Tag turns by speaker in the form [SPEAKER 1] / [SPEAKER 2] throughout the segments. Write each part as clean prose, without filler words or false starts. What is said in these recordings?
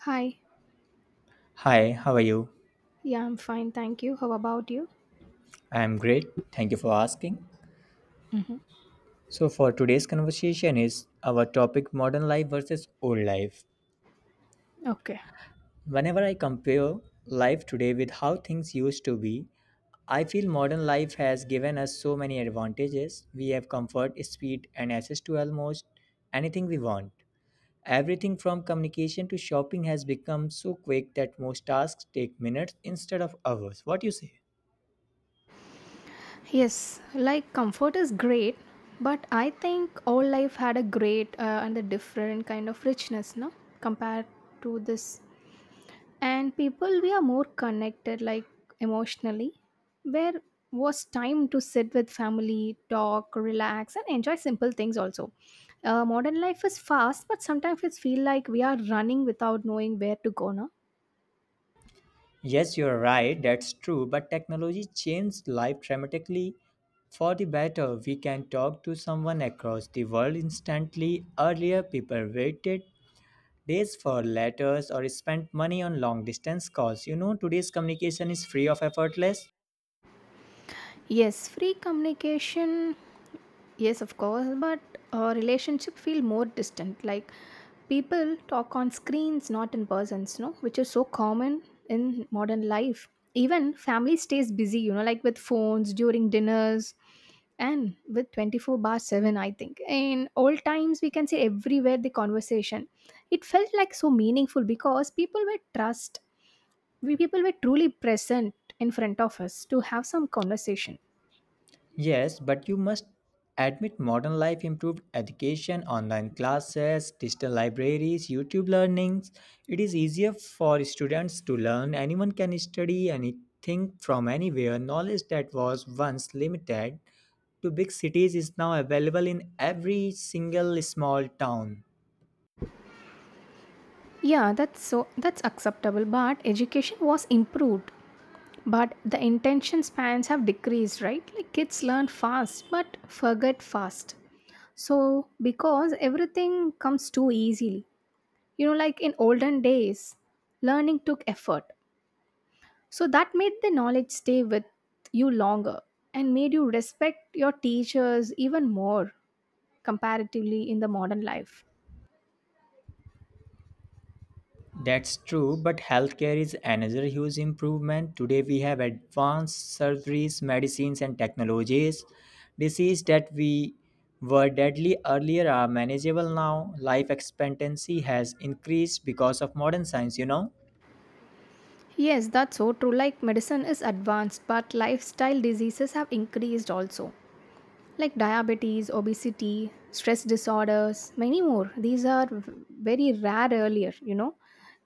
[SPEAKER 1] Hi.
[SPEAKER 2] Hi, how are you?
[SPEAKER 1] Yeah, I'm fine. Thank you. How about you?
[SPEAKER 2] I am great. Thank you for asking.
[SPEAKER 1] hmm
[SPEAKER 2] So for today's conversation is our topic modern life versus old life.
[SPEAKER 1] Okay.
[SPEAKER 2] Whenever I compare life today with how things used to be, I feel modern life has given us so many advantages. We have comfort, speed and access to almost anything we want. Everything from communication to shopping has become so quick that most tasks take minutes instead of hours. What do you say?
[SPEAKER 1] Yes, like comfort is great, but I think all life had a great and a different kind of richness, no? Compared to this. And people, we are more connected, like emotionally. Where was time to sit with family, talk, relax, and enjoy simple things also. Modern life is fast, but sometimes it feel like we are running without knowing where to go, no?
[SPEAKER 2] Yes, you're right, that's true, but technology changed life dramatically for the better. We can talk to someone across the world instantly. Earlier, people waited days for letters or spent money on long distance calls. You know, today's communication is free of effortless.
[SPEAKER 1] Yes, free communication. Yes, of course, but relationship feel more distant. Like people talk on screens, not in persons, no, which is so common in modern life. Even family stays busy, you know, like with phones during dinners and with 24 bar 7, I think. In old times, we can say everywhere the conversation. It felt like so meaningful because people were trust, we people were truly present in front of us to have some conversation.
[SPEAKER 2] Yes, but you must admit modern life improved education, online classes, digital libraries, YouTube learnings. It is easier for students to learn. Anyone can study anything from anywhere. Knowledge that was once limited to big cities is now available in every single small town.
[SPEAKER 1] Yeah, that's acceptable, but education was improved. But the intention spans have decreased, right? Like kids learn fast but forget fast. So because everything comes too easily. You know, like in olden days, learning took effort. So that made the knowledge stay with you longer and made you respect your teachers even more comparatively in the modern life.
[SPEAKER 2] That's true, but healthcare is another huge improvement. Today we have advanced surgeries, medicines, and technologies. Diseases that we were deadly earlier are manageable now. Life expectancy has increased because of modern science, you know.
[SPEAKER 1] Yes, that's so true. Like medicine is advanced, but lifestyle diseases have increased also, like diabetes, obesity, stress disorders, many more. These are very rare earlier, you know,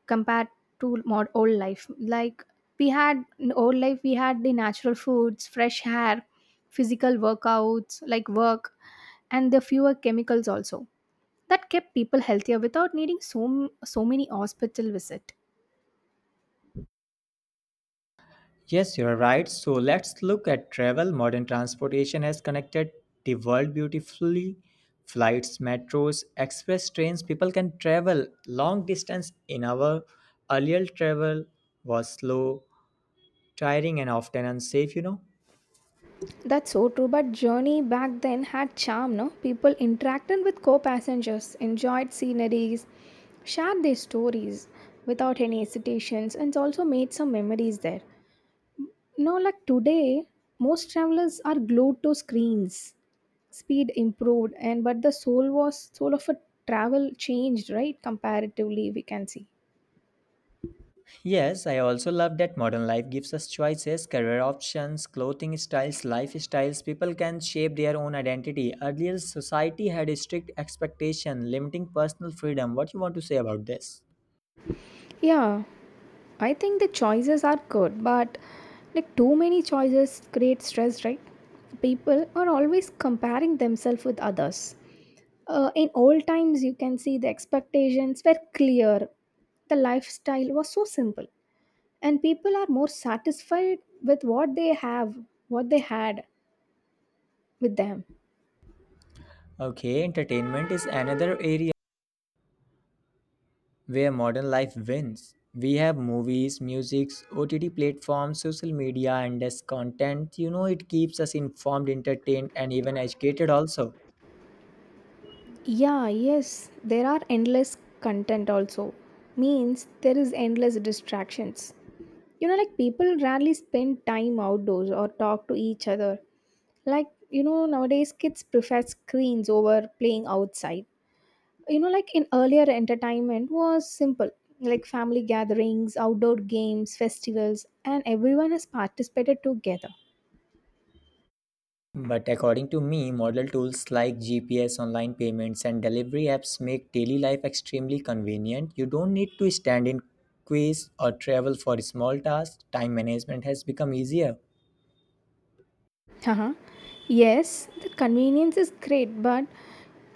[SPEAKER 1] compared to more old life. Like we had in old life, we had the natural foods, fresh hair, physical workouts, like work, and the fewer chemicals also. That kept people healthier without needing so many hospital visit.
[SPEAKER 2] Yes, you're right. So let's look at travel. Modern transportation has connected the world beautifully. Flights, metros, express trains, people can travel long distance in our earlier travel was slow, tiring and often unsafe, you know.
[SPEAKER 1] That's so true, but journey back then had charm, no? People interacted with co-passengers, enjoyed sceneries, shared their stories without any hesitations, and also made some memories there. No, like today, most travelers are glued to screens. Speed improved, and but the soul of a travel changed, right? Comparatively, we can see.
[SPEAKER 2] Yes, I also love that modern life gives us choices, career options, clothing styles, lifestyles. People can shape their own identity. Earlier, society had a strict expectation limiting personal freedom. What you want to say about this?
[SPEAKER 1] Yeah, I think the choices are good, but like too many choices create stress, right? People are always comparing themselves with others. In old times, you can see the expectations were clear, the lifestyle was so simple, and people are more satisfied with what they have, what they had with them.
[SPEAKER 2] Okay, entertainment is another area where modern life wins. We have movies, musics, OTT platforms, social media, and as content. You know, it keeps us informed, entertained, and even educated also.
[SPEAKER 1] Yeah, yes, there are endless content also. Means there is endless distractions. You know, like people rarely spend time outdoors or talk to each other. Like, you know, nowadays kids prefer screens over playing outside. You know, like in earlier entertainment was simple, like family gatherings, outdoor games, festivals, and everyone has participated together.
[SPEAKER 2] But according to me, model tools like GPS, online payments, and delivery apps make daily life extremely convenient. You don't need to stand in queues or travel for small tasks. Time management has become easier.
[SPEAKER 1] Uh-huh. Yes, the convenience is great, but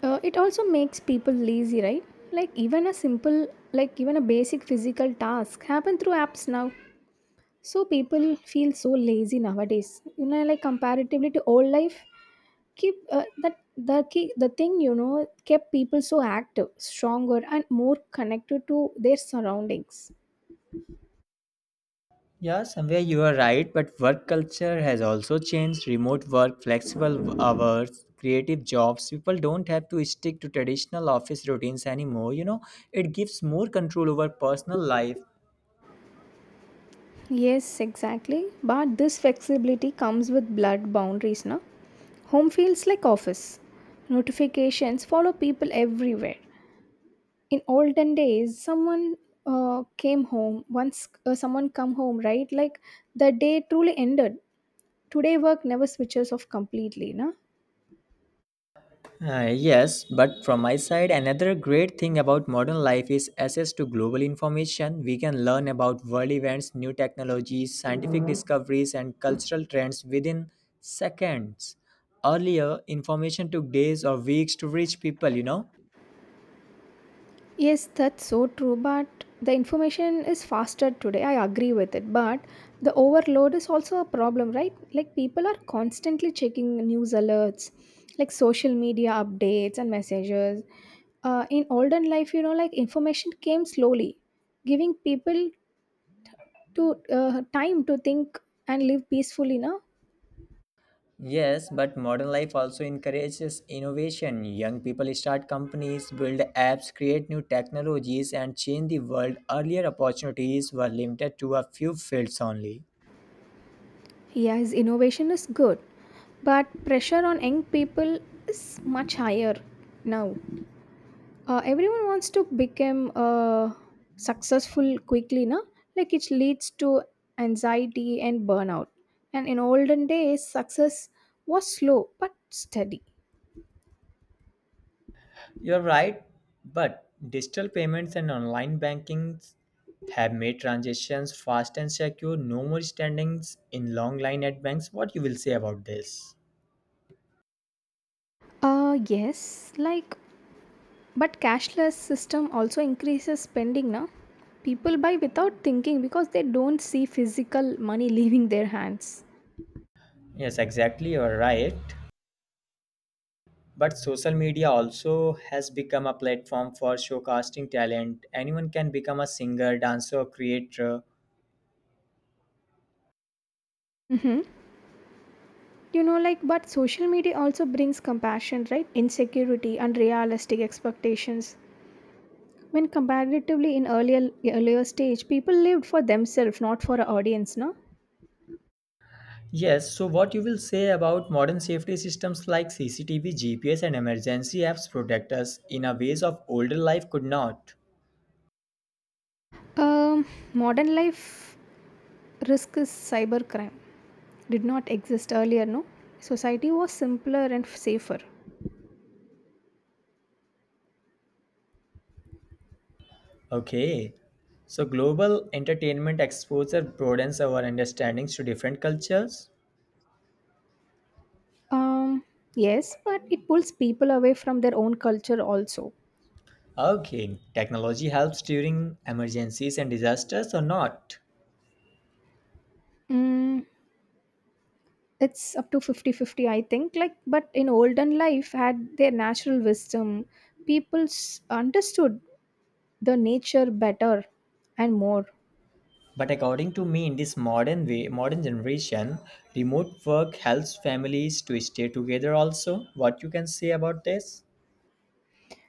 [SPEAKER 1] it also makes people lazy, right? Like even a simple, like even a basic physical task happen through apps now. So people feel so lazy nowadays. You know, like comparatively to old life, keep that the key, the thing you know kept people so active, stronger, and more connected to their surroundings.
[SPEAKER 2] Yeah, somewhere you are right, but work culture has also changed. Remote work, flexible hours, creative jobs. People don't have to stick to traditional office routines anymore. You know, it gives more control over personal life.
[SPEAKER 1] Yes, exactly. But this flexibility comes with blurred boundaries, na? Home feels like office. Notifications follow people everywhere. In olden days, someone came home once. Someone come home, right? Like the day truly ended. Today, work never switches off completely, na?
[SPEAKER 2] Yes, but from my side, another great thing about modern life is access to global information. We can learn about world events, new technologies, scientific discoveries, and cultural trends within seconds. Earlier, information took days or weeks to reach people, you know.
[SPEAKER 1] Yes, that's so true. But the information is faster today. I agree with it. But the overload is also a problem, right? Like people are constantly checking news alerts, like social media updates and messages. In olden life, you know, like information came slowly, giving people to time to think and live peacefully. Now,
[SPEAKER 2] Yes, but modern life also encourages innovation. Young people start companies, build apps, create new technologies, and change the world. Earlier opportunities were limited to a few fields only.
[SPEAKER 1] yes, innovation is good, but pressure on young people is much higher now, everyone wants to become successful quickly, no? Like it leads to anxiety and burnout, and in olden days success was slow but steady.
[SPEAKER 2] You're right, but digital payments and online banking have made transactions fast and secure. No more standings in long line at banks. What you will say about this?
[SPEAKER 1] Yes, like, but cashless system also increases spending now. People buy without thinking because they don't see physical money leaving their hands.
[SPEAKER 2] Yes, exactly. You're right. But social media also has become a platform for showcasing talent. Anyone can become a singer, dancer, or creator.
[SPEAKER 1] Mm-hmm. You know, like, but social media also brings compassion, right? Insecurity, unrealistic expectations, when comparatively in earlier stage, people lived for themselves, not for an audience. No,
[SPEAKER 2] Yes, so what you will say about modern safety systems like CCTV, GPS, and emergency apps protect us in a ways of older life could not.
[SPEAKER 1] um, modern life risk is cybercrime. Did not exist earlier. No, society was simpler and safer.
[SPEAKER 2] Okay. So global entertainment exposure broadens our understandings to different cultures.
[SPEAKER 1] Um, yes, but it pulls people away from their own culture also.
[SPEAKER 2] Okay, technology helps during emergencies and disasters or not?
[SPEAKER 1] Mm, it's up to 50-50, I think. Like, but in olden life, had their natural wisdom, people understood the nature better and more.
[SPEAKER 2] But according to me, in this modern way, modern generation, remote work helps families to stay together also. What you can say about this?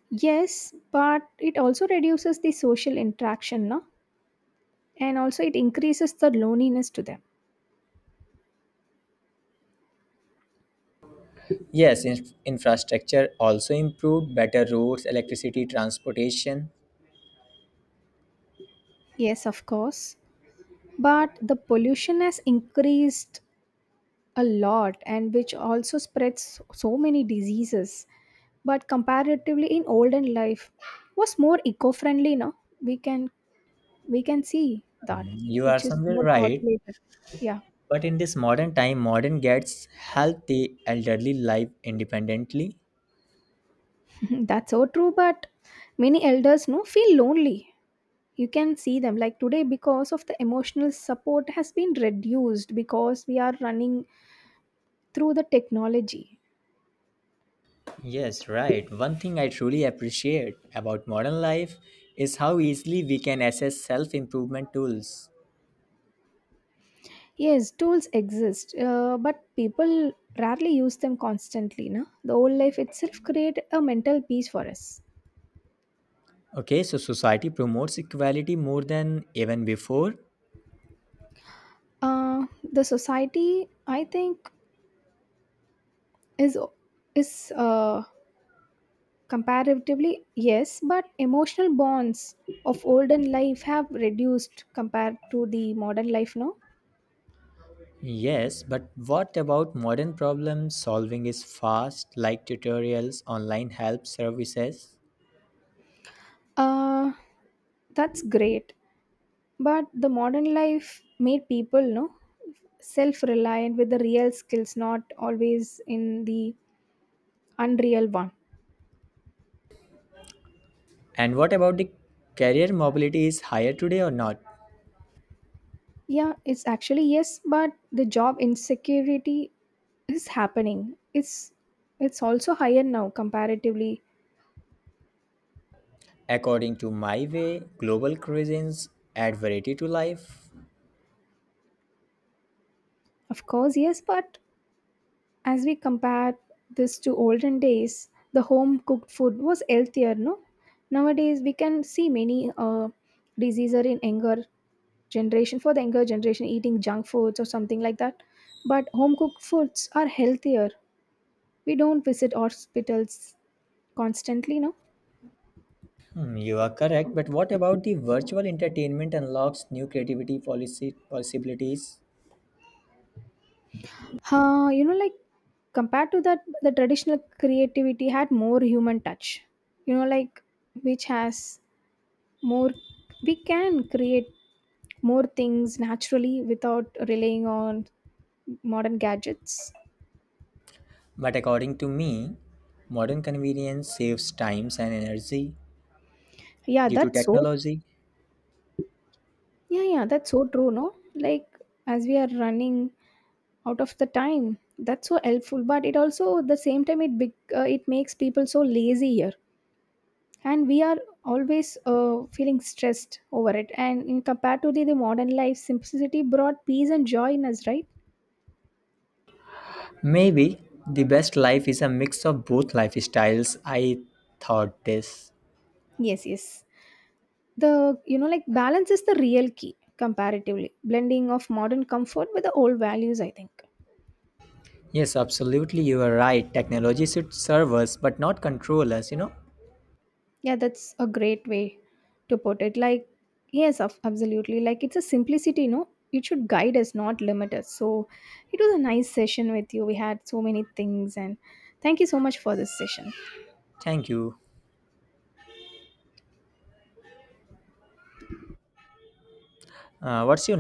[SPEAKER 1] Yes, but it also reduces the social interaction, no? And also it increases the loneliness to them.
[SPEAKER 2] Yes, infrastructure also improved, better roads, electricity, transportation.
[SPEAKER 1] Yes, of course. But the pollution has increased a lot and which also spreads so many diseases. But comparatively in olden life was more eco-friendly, no? We can we can see that,
[SPEAKER 2] You are
[SPEAKER 1] which is
[SPEAKER 2] somewhere
[SPEAKER 1] more
[SPEAKER 2] right.
[SPEAKER 1] populated. Yeah.
[SPEAKER 2] But in this modern time, modern gets healthy elderly life independently.
[SPEAKER 1] That's so true, but many elders no feel lonely, you can see them like today, because of the emotional support has been reduced because we are running through the technology.
[SPEAKER 2] Yes, right. One thing I truly appreciate about modern life is how easily we can access self improvement tools.
[SPEAKER 1] Yes, tools exist, but people rarely use them constantly, no? The old life itself create a mental peace for us.
[SPEAKER 2] Okay, so society promotes equality more than even before.
[SPEAKER 1] uh, the society I think is is comparatively yes, but emotional bonds of olden life have reduced compared to the modern life now.
[SPEAKER 2] Yes, but what about modern problem solving is fast, like tutorials, online help services?
[SPEAKER 1] uh, that's great. But the modern life made people no self reliant with the real skills, not always in the unreal one.
[SPEAKER 2] And what about the career mobility is higher today or not?
[SPEAKER 1] Yeah, it's actually yes, but the job insecurity is happening. It's also higher now comparatively.
[SPEAKER 2] According to my way, global cuisines add variety to life.
[SPEAKER 1] Of course, yes, but as we compare this to olden days, the home cooked food was healthier, no? Nowadays we can see many diseases in anger generation for the younger generation eating junk foods or something like that, but home cooked foods are healthier, we don't visit hospitals constantly, no.
[SPEAKER 2] Hmm, you are correct, but what about the virtual entertainment unlocks new creativity policy possibilities?
[SPEAKER 1] You know, like compared to that, the traditional creativity had more human touch, you know, like, which has more, we can create more things naturally without relying on modern gadgets.
[SPEAKER 2] But according to me, modern convenience saves times and energy
[SPEAKER 1] Yeah,
[SPEAKER 2] due to
[SPEAKER 1] that's so,
[SPEAKER 2] technology.
[SPEAKER 1] yeah, yeah, that's so true, no? Like as we are running out of the time, that's so helpful, but it also at the same time it big it makes people so lazy here, and we are always feeling stressed over it. And in compared to the modern life simplicity brought peace and joy in us, right?
[SPEAKER 2] Maybe the best life is a mix of both lifestyles. I thought this.
[SPEAKER 1] Yes, yes, the, you know, like balance is the real key comparatively, blending of modern comfort with the old values, I think.
[SPEAKER 2] Yes, absolutely, you are right. Technology should serve us but not control us, you know.
[SPEAKER 1] Yeah, that's a great way to put it. Like, yes, of absolutely. Like, it's a simplicity, no? It should guide us, not limit us. So, it was a nice session with you. We had so many things, and thank you so much for this session.
[SPEAKER 2] Thank you. What's your